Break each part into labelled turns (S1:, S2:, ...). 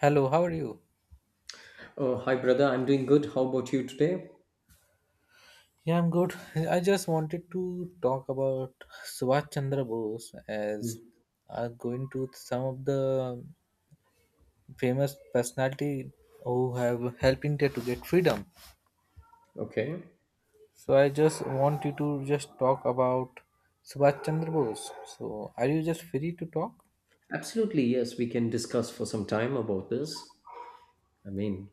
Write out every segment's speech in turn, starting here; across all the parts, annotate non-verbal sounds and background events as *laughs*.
S1: Hello, how are you?
S2: Oh, hi, brother. I'm doing good. How about you today?
S1: Yeah, I'm good. I just wanted to talk about Subhash Chandra Bose as
S2: Mm.
S1: going to some of the famous personality who have helped India to get freedom.
S2: Okay.
S1: So I just want you to just talk about Subhash Chandra Bose. So are you just free to talk?
S2: Absolutely, yes. We can discuss for some time about this. I mean,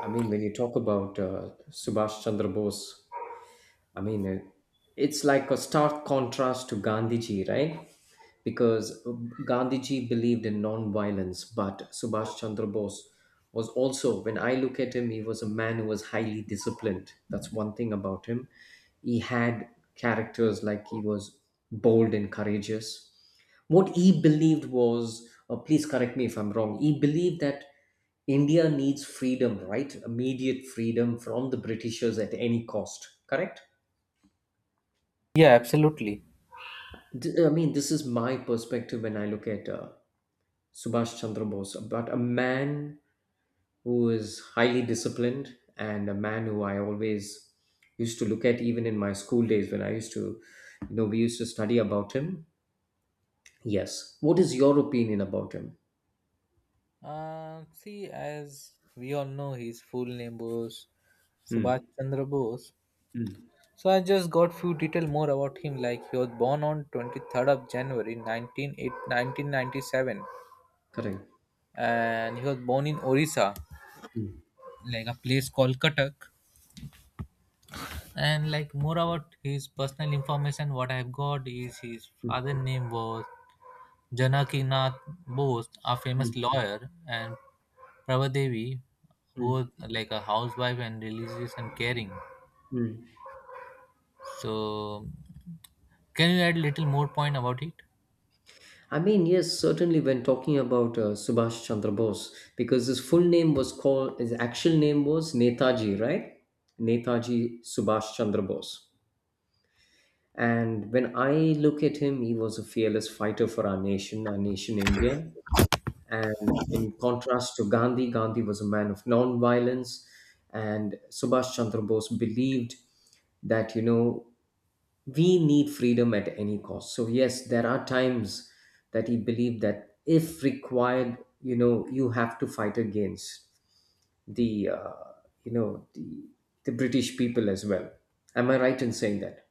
S2: I mean, when you talk about Subhash Chandra Bose, I mean, uh, it's like a stark contrast to Gandhiji, right? Because Gandhiji believed in non-violence, but Subhash Chandra Bose was also, when I look at him, he was a man who was highly disciplined. That's one thing about him. He had characters like he was bold and courageous. What he believed was, please correct me if I'm wrong, he believed that India needs freedom, right? Immediate freedom from the Britishers at any cost, correct?
S1: Yeah, absolutely.
S2: I mean, this is my perspective when I look at Subhash Chandra Bose, but a man who is highly disciplined and a man who I always used to look at even in my school days when I used to, you know, we used to study about him. Yes. What is your opinion about him?
S1: See, as we all know, his full name was
S2: Hmm.
S1: Subhash Chandra Bose.
S2: Hmm.
S1: So I just got few detail more about him. Like he was born on 23rd of January 1997,
S2: Correct.
S1: and he was born in Orissa,
S2: Hmm.
S1: like a place called Cuttack. And like more about his personal information, what I've got is his
S2: Hmm.
S1: father name was Janakinath Bose, a famous
S2: Hmm.
S1: lawyer, and Prabhadevi, who was
S2: Hmm.
S1: like a housewife and religious and caring.
S2: Hmm.
S1: So can you add little more point about it?
S2: I mean, yes, certainly when talking about Subhash Chandra Bose, because his full name was called, his actual name was Netaji, right? Netaji Subhash Chandra Bose. And when I look at him, he was a fearless fighter for our nation India. And in contrast to Gandhi, Gandhi was a man of non-violence, and Subhash Chandra Bose believed that you know we need freedom at any cost. So yes, there are times that he believed that if required, you know, you have to fight against the you know the British people as well. Am I right in saying that?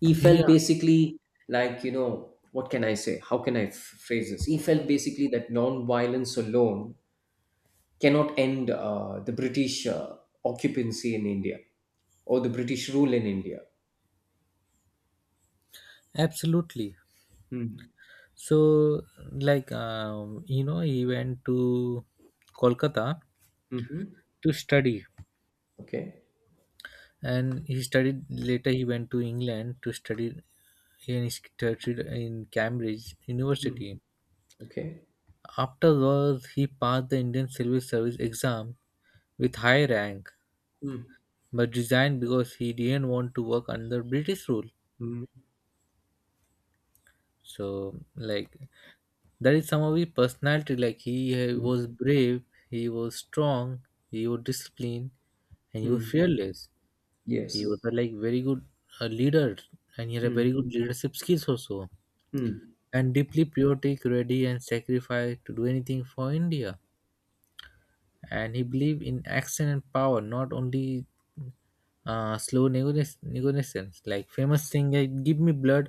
S2: He felt
S1: Yeah,
S2: basically like you know what can I say, how can I phrase this, he felt basically that non-violence alone cannot end the British occupancy in India or the British rule in India.
S1: absolutely.
S2: Mm.
S1: So, like, he went to Kolkata
S2: Mm-hmm.
S1: to study,
S2: Okay.
S1: and he studied later. He went to England to study, and he studied in Cambridge
S2: Mm.
S1: University.
S2: Okay.
S1: Afterwards, he passed the Indian Civil Service exam with high rank,
S2: Mm.
S1: but resigned because he didn't want to work under British rule.
S2: Mm.
S1: So like that is some of his personality. Like he
S2: Mm.
S1: was brave, he was strong, he was disciplined, and he was
S2: Mm.
S1: fearless. He
S2: Yes.
S1: was a, like very good leader, and he had a very
S2: Mm.
S1: good leadership skills also,
S2: Mm.
S1: and deeply patriotic, ready and sacrificed to do anything for India. And he believed in action and power, not only slow negotiations, like famous thing like give me blood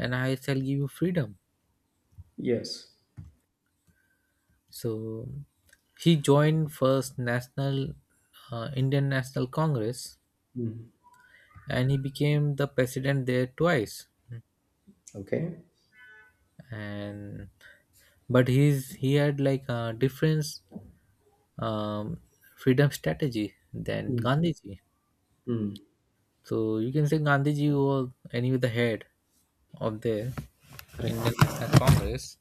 S1: and I shall give you freedom.
S2: Yes.
S1: So he joined first National Indian National Congress,
S2: Mm.
S1: and he became the president there twice.
S2: Okay.
S1: And but he had like a different um, freedom strategy than
S2: Mm.
S1: Gandhiji.
S2: Mm.
S1: So you can say Gandhiji was anyway the head of the Indian
S2: Correct.
S1: National Congress.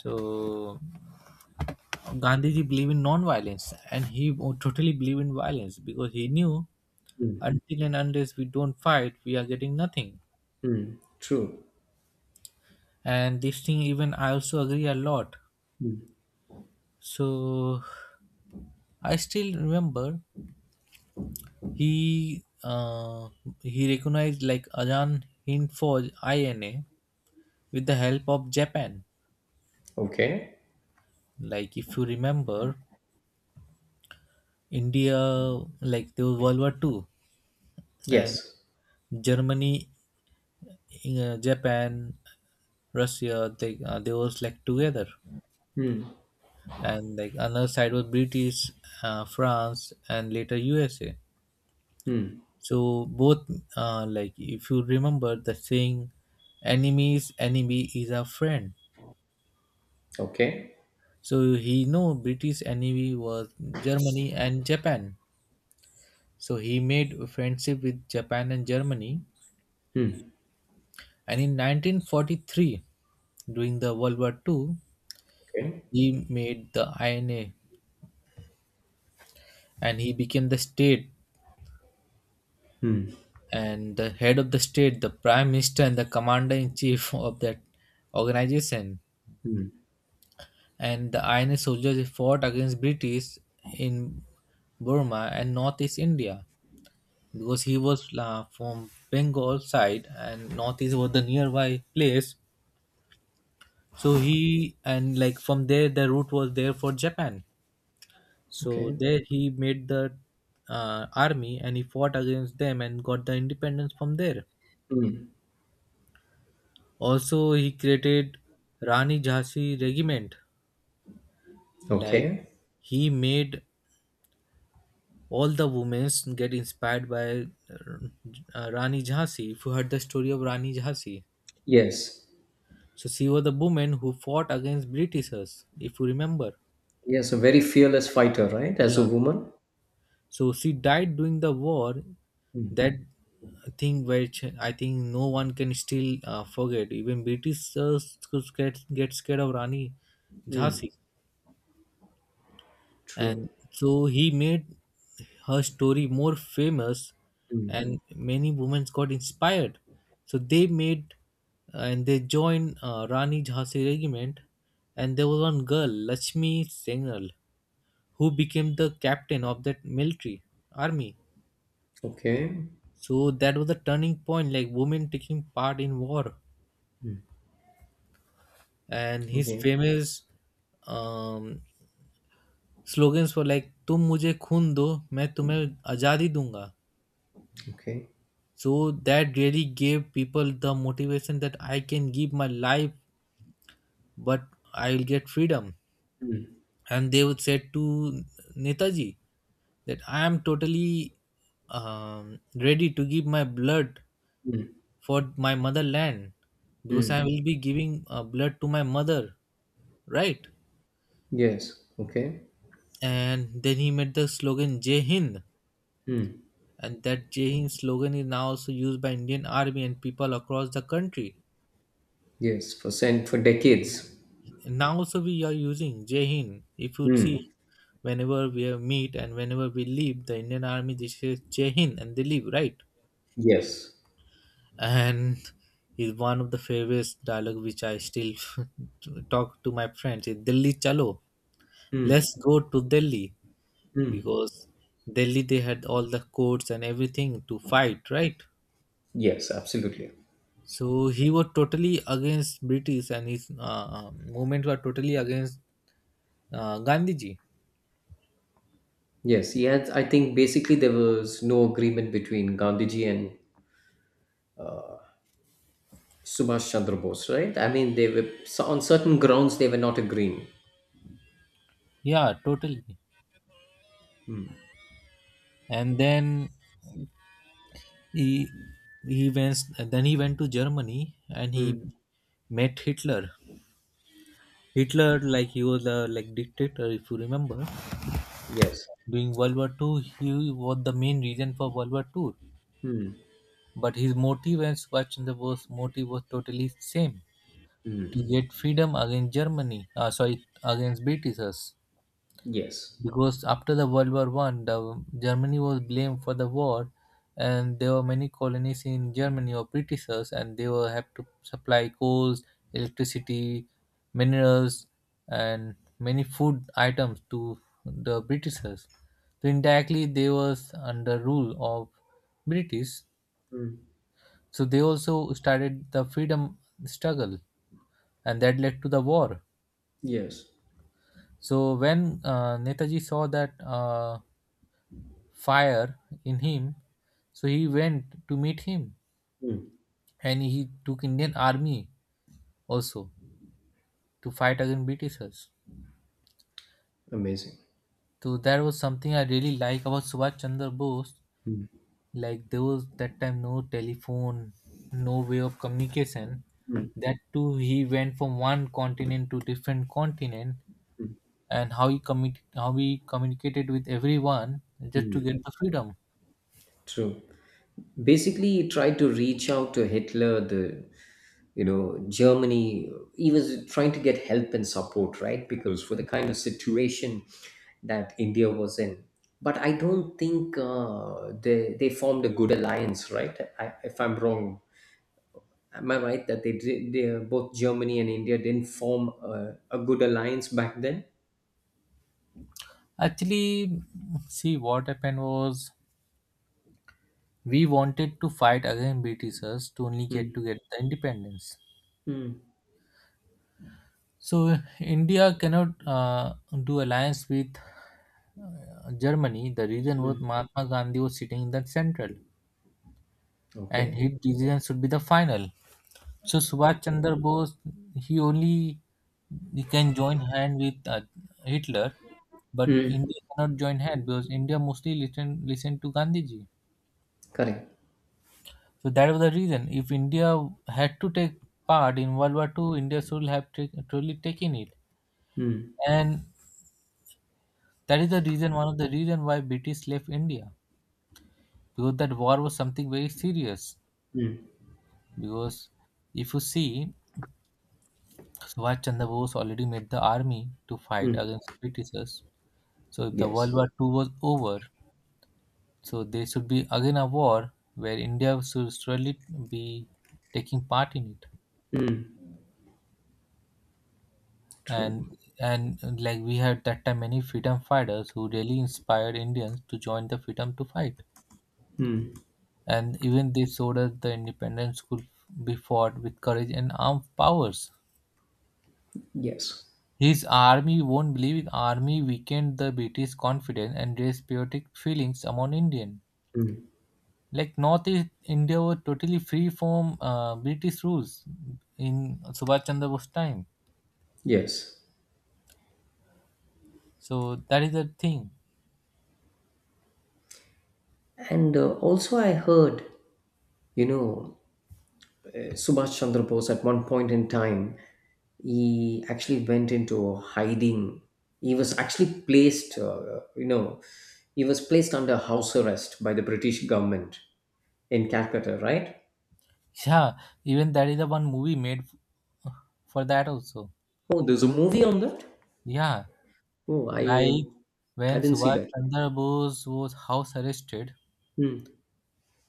S1: So Gandhiji believed in non-violence, and he totally believed in violence because he knew
S2: Mm.
S1: until and unless we don't fight, we are getting nothing.
S2: Mm. True.
S1: And this thing, even I also agree a lot. So I still remember he uh, he recognized like Ajahn Hind Foj INA with the help of Japan.
S2: Okay.
S1: Like if you remember, India like there was World War II and
S2: Yes.
S1: Germany Japan, Russia, they was like together, and like another side was British, France, and later USA.
S2: Mm.
S1: So both like if you remember the saying, "Enemy's enemy is a friend."
S2: Okay.
S1: So he know British enemy was Germany and Japan. So he made a friendship with Japan and Germany,
S2: Mm.
S1: and in 1943, during the World War II,
S2: Okay.
S1: he made the INA and he became the state and the head of the state, the prime minister, and the commander in chief *laughs* of that organization.
S2: Hmm.
S1: And the INA soldiers fought against British in Burma and Northeast India because he was from Bengal side and Northeast was the nearby place. So he and like from there, the route was there for Japan. So
S2: Okay.
S1: there he made the army and he fought against them and got the independence from there. Also, he created Rani Jhansi Regiment. Like
S2: Okay.
S1: he made all the women get inspired by Rani Jhansi. If you heard the story of Rani Jhansi,
S2: Yes.
S1: so she was the woman who fought against Britishers. If you remember,
S2: Yes, a very fearless fighter, right? As a
S1: yeah.
S2: woman.
S1: So she died during the war. That thing which I think no one can still forget. Even Britishers could get scared of Rani Jhansi.
S2: Hmm. True.
S1: And so he made her story more famous,
S2: Hmm.
S1: and many women got inspired, so they made and they joined Rani Jhansi Regiment, and there was one girl Lakshmi Sengal, who became the captain of that military army.
S2: Okay.
S1: So that was the turning point, like women taking part in war. And his
S2: Okay.
S1: famous um, slogans were like तुम मुझे खून दो मैं तुम्हें आज़ादी दूंगा.
S2: Okay.
S1: So that really gave people the motivation that I can give my life, but I'll get freedom. And they would said to Netaji that I am totally ready to give my blood for my motherland, because I will be giving blood to my mother, right?
S2: Yes. Okay.
S1: And then he made the slogan Jai Hind,
S2: Hmm.
S1: and that Jai Hind slogan is now also used by Indian Army and people across the country.
S2: Yes. For cent for decades.
S1: Now also we are using Jai Hind, if you see,
S2: Hmm.
S1: whenever we have meet and whenever we leave the Indian Army, they say Jai Hind and they leave, right?
S2: Yes.
S1: And *laughs* is one of the favorite dialogue which I still *laughs* talk to my friends is Delhi Chalo.
S2: Hmm.
S1: Let's go to Delhi,
S2: Hmm.
S1: because Delhi they had all the courts and everything to fight, right?
S2: Yes. Absolutely.
S1: So he was totally against British, and his movement were totally against Gandhiji.
S2: Yes. He had. I think basically there was no agreement between Gandhiji and Subhash Chandra Bose, right? I mean, they were so on certain grounds they were not agreeing.
S1: Yeah, totally. And then he he went he went to Germany, and he
S2: Hmm.
S1: met Hitler, like he was a like dictator, if you remember.
S2: Yes.
S1: During World War II, he was the main reason for World War II.
S2: Hmm.
S1: But his motive and Schwarzenegger's was motive was totally same, to
S2: Hmm.
S1: get freedom against Germany, sorry, against Britishers.
S2: Yes.
S1: Because after the World War I, the Germany was blamed for the war, and there were many colonies in Germany or Britishers, and they were have to supply coals, electricity, minerals, and many food items to the Britishers. So indirectly, they was under rule of British.
S2: Mm.
S1: So they also started the freedom struggle, and that led to the war.
S2: Yes.
S1: So when Netaji saw that. Fire in him, so he went to meet him,
S2: Mm.
S1: and he took Indian Army also to fight against Britishers.
S2: Amazing.
S1: So that was something I really like about Subhash Chandra Bose, like there was that time no telephone, no way of communication. That too he went from one continent to different continent, and how he communicated with everyone, just to get the freedom.
S2: True. Basically, he tried to reach out to Hitler, the you know Germany. He was trying to get help and support, right? Because for the kind of situation that India was in, but I don't think they formed a good alliance, right? I, if I'm wrong, am I right that they did? They, both Germany and India didn't form a good alliance back then.
S1: Actually, see what happened was we wanted to fight against Britishers to only get
S2: Mm.
S1: to get the independence.
S2: Mm.
S1: So India cannot do alliance with Germany. The reason was
S2: Mm.
S1: Mahatma Gandhi was sitting in the central, and
S2: Okay.
S1: his decision should be the final. So Subhash Chandra Bose, he only he can join hand with Hitler, but
S2: Mm.
S1: India cannot join hand because India mostly listen to Gandhiji.
S2: Correct.
S1: So that was the reason. If India had to take part in World War II, India should have truly taken it.
S2: Mm.
S1: And that is the reason, one of the reason why British left India. Because that war was something very serious. Because if you see, Subhash Chandra Bose already made the army to fight
S2: Mm.
S1: against Britishers. So if the
S2: Yes.
S1: World War II was over, so there should be again a war where India should surely be taking part in it.
S2: Hmm. True.
S1: And like we had that time many freedom fighters who really inspired Indians to join the freedom to fight.
S2: Hmm.
S1: And even they showed us the independence could be fought with courage and armed powers.
S2: Yes.
S1: His army, you won't believe it, army weakened the British confidence and raised patriotic feelings among Indian. Like Northeast India was totally free from British rules in Subhash Chandra Bose time.
S2: Yes.
S1: So that is the thing.
S2: And also, I heard, you know, Subhash Chandra Bose at one point in time, he actually went into hiding. He was actually placed, you know, he was placed under house arrest by the British government in Calcutta, right?
S1: *laughs* Yeah, even that is the one movie made for that also.
S2: Oh, there's a movie on that.
S1: Yeah,
S2: Oh,
S1: like
S2: I
S1: when
S2: didn't see
S1: Subhash
S2: that.
S1: Chandra Bose was house arrested,
S2: Hmm.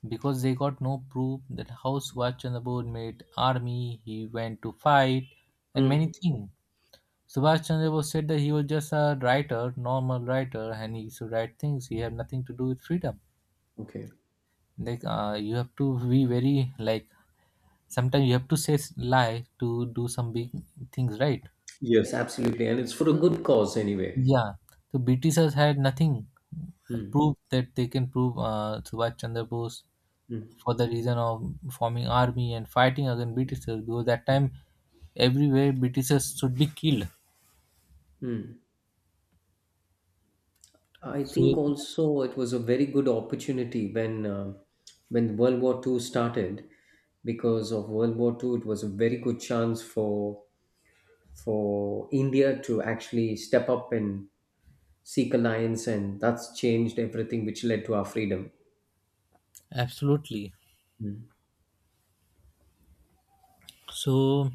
S1: because they got no proof that how Subhash Chandra Bose made army, he went to fight, and
S2: Hmm.
S1: many things. Subhash Chandra Bose said that he was just a writer, normal writer, and he used to write things. He had nothing to do with freedom.
S2: Okay.
S1: Like you have to be very like sometimes you have to say lie to do some big things right.
S2: Yes. Yes, absolutely, and it's for a good cause anyway.
S1: Yeah, the Britishers had nothing
S2: Hmm.
S1: proof that they can prove Subhash Chandra Bose
S2: Mm,
S1: for the reason of forming army and fighting against Britishers, because that
S2: mm,
S1: time everywhere Britishers should be killed.
S2: mm. I
S1: So
S2: think also it was a very good opportunity when World War Two started, because of World War Two it was a very good chance for India to actually step up and seek alliance, and that's changed everything, which led to our freedom.
S1: absolutely. So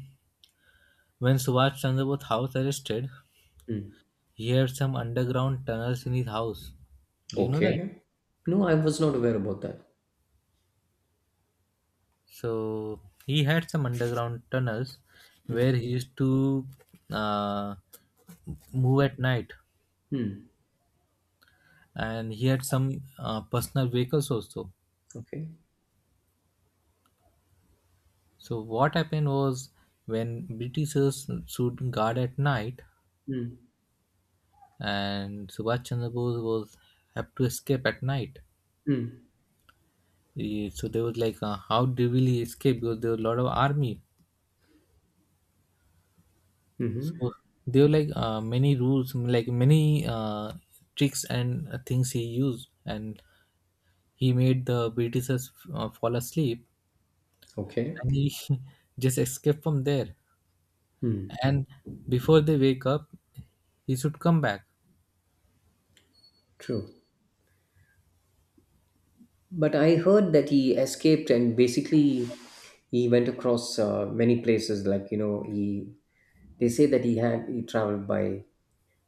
S1: when Subhash Chandra Bose house arrested,
S2: Mm.
S1: he had some underground tunnels in his house. Do you know that?
S2: Okay. No, I was not aware about that.
S1: So he had some underground tunnels
S2: Mm,
S1: where he used to uh, move at night,
S2: mm.
S1: and he had some personal vehicles also.
S2: Okay.
S1: So what happened was when Britishers should guard at night,
S2: Mm,
S1: and Subhash Chandra Bose was have to escape at night.
S2: mm,
S1: So they was like, how they will he escape, because there were a lot of army.
S2: mhm.
S1: So there were like many rules, like many tricks and things he used, and he made the Britishers fall asleep,
S2: Okay.
S1: and he *laughs* just escaped from there.
S2: Mm.
S1: And before they wake up, he should come back.
S2: True. But I heard that he escaped and basically he went across many places. Like you know, he they say that he had he traveled by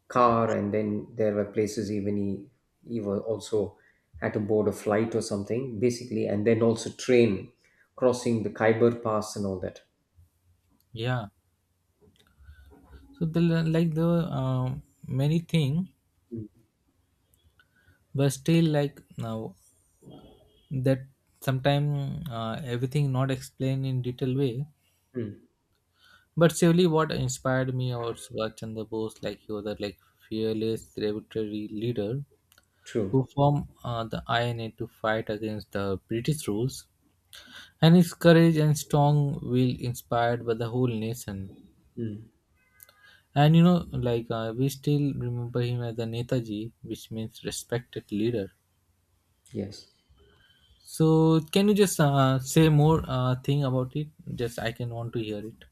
S2: car, and then there were places even he was also had to board a flight or something basically, and then also train crossing the Khyber Pass and all that.
S1: Yeah, so the like the uh, many thing.
S2: Mm.
S1: But still, like, now that sometime, everything not explained in detail way.
S2: Mm.
S1: But surely what inspired me about Subhash Chandra Bose, like he was a like fearless revolutionary leader
S2: True.
S1: who formed the INA to fight against the British rules, and his courage and strong will inspired by the whole nation.
S2: Mm.
S1: And you know, like We still remember him as a Netaji, which means respected leader.
S2: Yes.
S1: So can you just say more thing about it? Just I can want to hear it.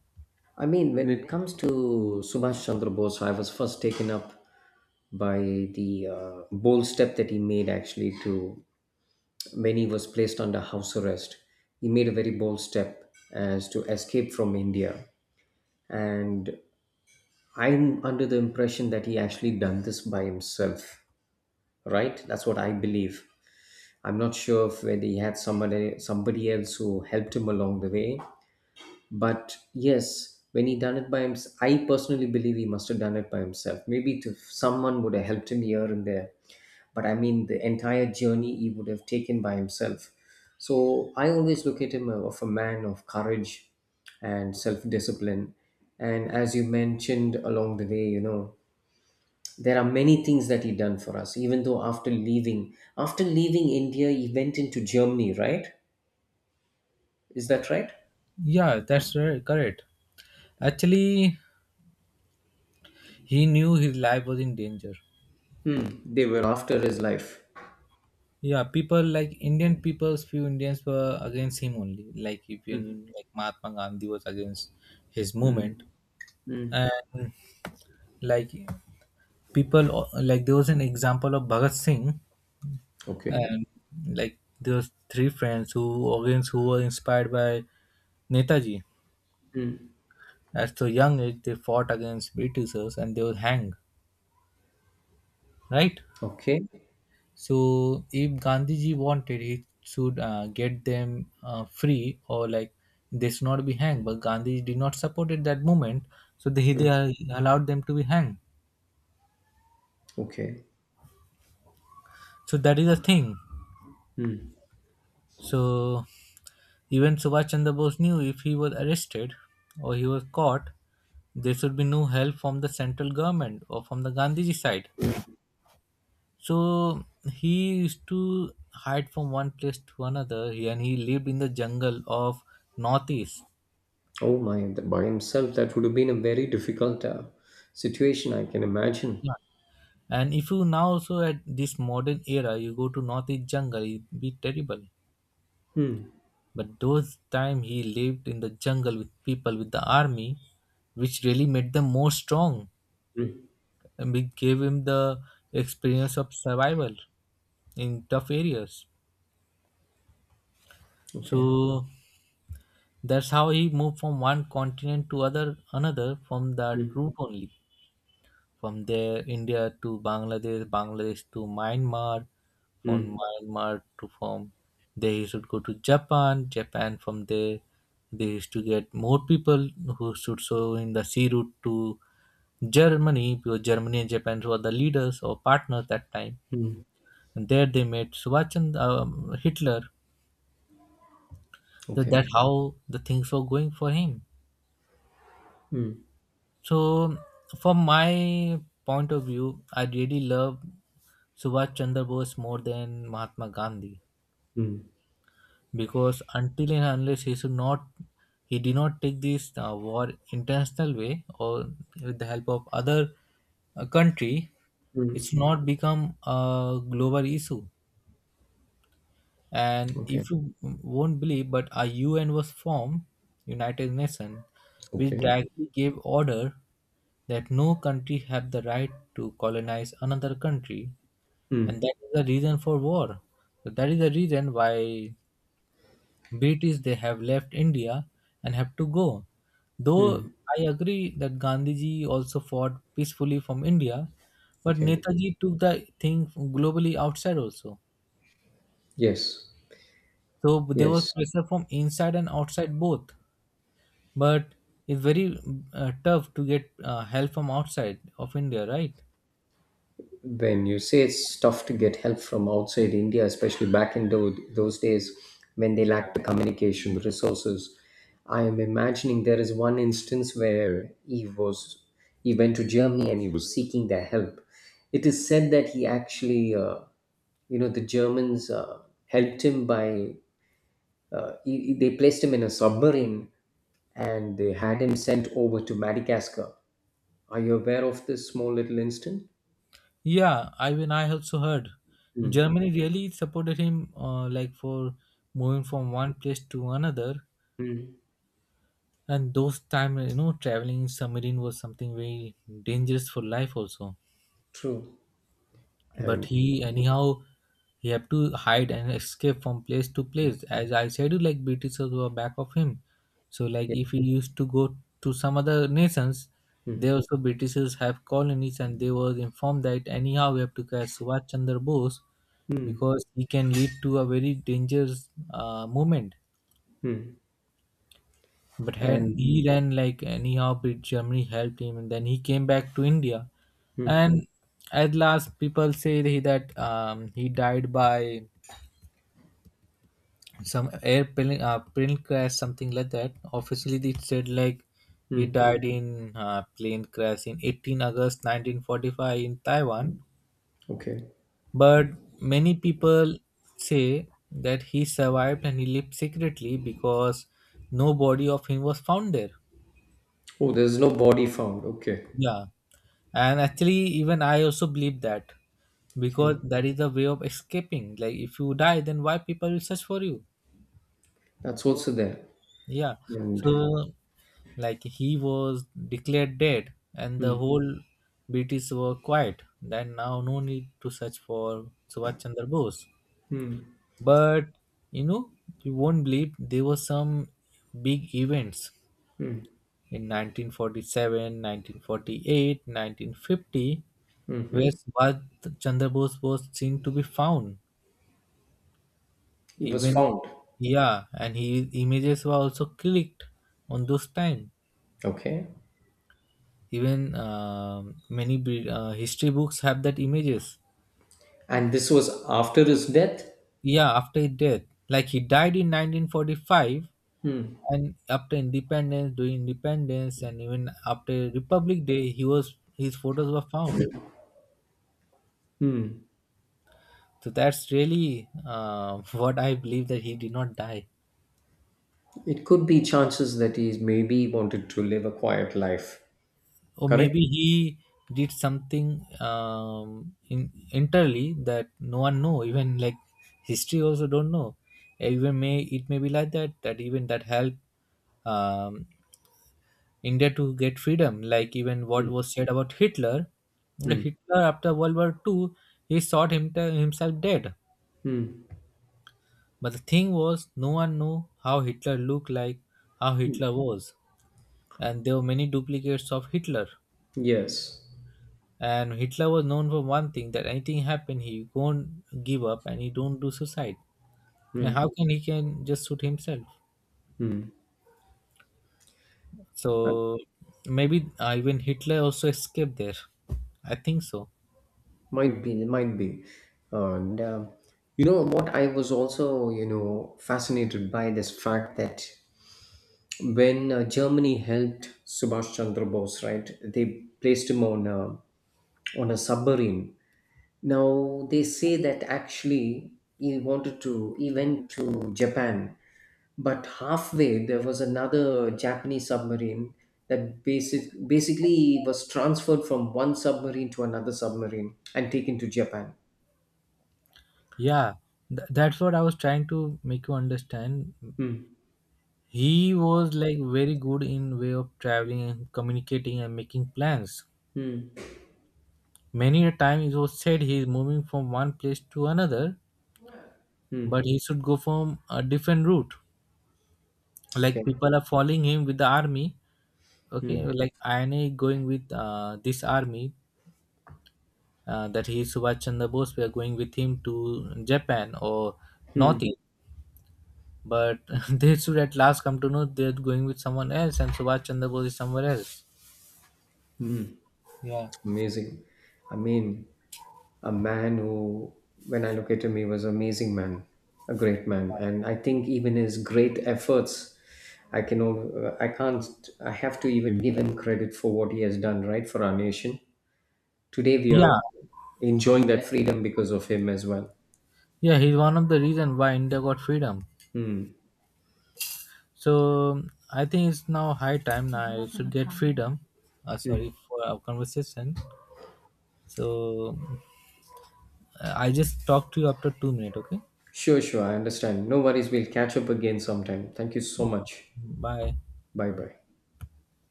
S2: I mean, when it comes to Subhash Chandra Bose, I was first taken up by the bold step that he made actually to when he was placed under house arrest, he made a very bold step as to escape from India. And I'm under the impression that he actually done this by himself, right? That's what I believe. I'm not sure if whether he had somebody else who helped him along the way. But yes, when he done it by himself, I personally believe he must have done it by himself. Maybe to, someone would have helped him here and there, but I mean the entire journey he would have taken by himself. So I always look at him of a man of courage and self discipline. And as you mentioned along the way, you know, there are many things that he done for us. Even though after leaving India, he went into Germany, right? Is that right?
S1: Yeah, that's right, correct. Actually, he knew his life was in danger.
S2: Hmm. They were. After his life.
S1: Yeah, people like Indian peoples, few Indians were against him only. Like if you
S2: Hmm.
S1: knew, like Mahatma Gandhi was against his movement, and, like, people like there was an example of Bhagat Singh
S2: Okay.
S1: and like those three friends who against who were inspired by Netaji. At so young age, they fought against Britishers and they were hanged. Right.
S2: Okay.
S1: So if Gandhiji wanted, he should get them free, or like they should not be hanged. But Gandhi did not support at that moment, so they allowed them to be hanged.
S2: Okay.
S1: So that is the thing. So even Subhash Chandra Bose knew, if he was arrested or he was caught, there should be no help from the central government or from the Gandhiji side.
S2: Yeah.
S1: So he used to hide from one place to another and he lived in the jungle of Northeast.
S2: Oh my, by himself, that would have been a very difficult situation, I can imagine.
S1: Yeah. And if you now also at this modern era, you go to Northeast jungle, it be terrible.
S2: Mm,
S1: But those time he lived in the jungle with people with the army, which really made them more strong.
S2: mm,
S1: And we gave him the experience of survival in tough areas.
S2: okay.
S1: So that's how he moved from one continent to other another, from that
S2: Mm,
S1: route only. From there, India to Bangladesh, Bangladesh to Myanmar, from
S2: mm,
S1: Myanmar to from there he should go to Japan, Japan from there they used to get more people who should so in the sea route to Germany, because Germany and Japan were the leaders or partners that time,
S2: mm,
S1: and there they met Subhash Chandra Hitler. That,
S2: okay.
S1: that how the things were going for him. So, from my point of view, I really love Subhash Chandra Bose more than Mahatma Gandhi,
S2: Mm,
S1: because until and unless he should not, he did not take this war intentional way, or with the help of other country,
S2: mm,
S1: it's not become a global issue. And
S2: okay.
S1: if you won't believe, but a UN was formed. United Nations, which
S2: Okay.
S1: directly gave order that no country have the right to colonize another country, and
S2: Mm,
S1: that is the reason for war. So that is the reason why British they have left India and have to go. Though
S2: mm,
S1: I agree that Gandhiji also fought peacefully from India, but
S2: okay.
S1: Netaji took the thing globally outside also.
S2: Yes.
S1: So there was
S2: Yes.
S1: pressure from inside and outside both. But it's very tough to get help from outside of India, right?
S2: When you say it's tough to get help from outside India, especially back in those days when they lacked the communication resources, I am imagining there is one instance where he was he went to Germany and he was seeking their help. It is said that he actually you know the Germans helped him by they placed him in a submarine and they had him sent over to Madagascar. Are you aware of this small little incident?
S1: Yeah, I mean, I also heard
S2: Mm.
S1: Germany really supported him, like for moving from one place to another.
S2: Mm.
S1: And those time, you know, traveling in submarine was something very dangerous for life also.
S2: True.
S1: But
S2: And
S1: he anyhow, he have to hide and escape from place to place, as I said you, like Britishers were back of him. So like
S2: yeah.
S1: if he used to go to some other nations, they
S2: Mm.
S1: also Britishers have colonies, and they were informed that anyhow we have to catch Subhash Chandra Bose,
S2: Mm.
S1: because he can lead to a very dangerous movement.
S2: Mm.
S1: But had,
S2: And
S1: he then like anyhow beat, Germany helped him, and then he came back to India.
S2: mm.
S1: And at last, people say that, he died by some airplane plane crash, something like that. Officially, they said like he
S2: Mm.
S1: died in plane crash in 18 August 1945 in Taiwan.
S2: Okay.
S1: But many people say that he survived and he lived secretly, because no body of him was found there.
S2: Oh, there's no body found. Okay.
S1: Yeah, and actually, even I also believe that,
S2: Okay.
S1: because that is the way of escaping. Like if you die, then why people will search for you?
S2: That's also there.
S1: Yeah. So
S2: And
S1: like he was declared dead, and the
S2: mm.
S1: whole British were quiet then, now no need to search for Subhash Chandra Bose.
S2: Mm.
S1: But you know, you won't believe, there were some big events in 1947, 1948, 1950,
S2: Hmm.
S1: where
S2: Mm-hmm.
S1: Subhash Chandra Bose was seen to be found.
S2: He was
S1: Even,
S2: found.
S1: yeah, and his images were also clicked on those time.
S2: Okay.
S1: Even many history books have that images.
S2: And this was after his death.
S1: Yeah, after his death, like he died in 1945, and after independence, during independence, and even after Republic Day, he was his photos were found. So that's really *laughs* what I believe that he did not die.
S2: It could be chances that he maybe wanted to live a quiet life.
S1: Or
S2: Correct?
S1: maybe he did something in entirely that no one know, even like history also don't know, even may it may be like that, that even that helped um, India to get freedom, like even what was said about Hitler. Hitler after World War Two, he thought him, himself dead, but the thing was no one knew how Hitler looked like, how Hitler was, and there were many duplicates of Hitler.
S2: Yes.
S1: And Hitler was known for one thing, that anything happen, he won't give up and he don't do suicide. And how can he can just shoot himself?
S2: Hmm. Uh,
S1: So maybe even Hitler also escaped there. I think so.
S2: Might be, it might be. And you know what? I was also, you know, fascinated by this fact that when Germany helped Subhash Chandra Bose, right? They placed him on a submarine. Now they say that actually he wanted to, he went to Japan, but halfway there was another Japanese submarine that basically was transferred from one submarine to another submarine and taken to Japan.
S1: Yeah, that's what I was trying to make you understand.
S2: Hmm.
S1: He was like very good in way of traveling and communicating and making plans.
S2: Hmm.
S1: Many a time it was said he is moving from one place to another,
S2: Hmm.
S1: but he should go from a different route. Like
S2: Okay.
S1: people are following him with the army, okay,
S2: Hmm.
S1: like INA is going with this army, that he is Subhash Chandra Bose, we are going with him to Japan or
S2: Hmm.
S1: Northeast, but *laughs* they should at last come to know they're going with someone else and Subhash Chandra Bose is somewhere else.
S2: Hmm.
S1: Yeah.
S2: Amazing. I mean, a man who, when I look at him, he was an amazing man, a great man, and I think even his great efforts, I can, I can't, I have to even give him credit for what he has done, right, for our nation. Today we are
S1: Yeah,
S2: enjoying that freedom because of him as well.
S1: yeah, he's one of the reason why India got freedom.
S2: Hmm.
S1: So I think it's now high time, now I should get freedom. Sorry for our conversation. So I just talk to you after 2 minutes, okay.
S2: Sure, sure. I understand. No worries. We'll catch up again sometime. Thank you so
S1: Okay.
S2: much.
S1: Bye.
S2: Bye bye.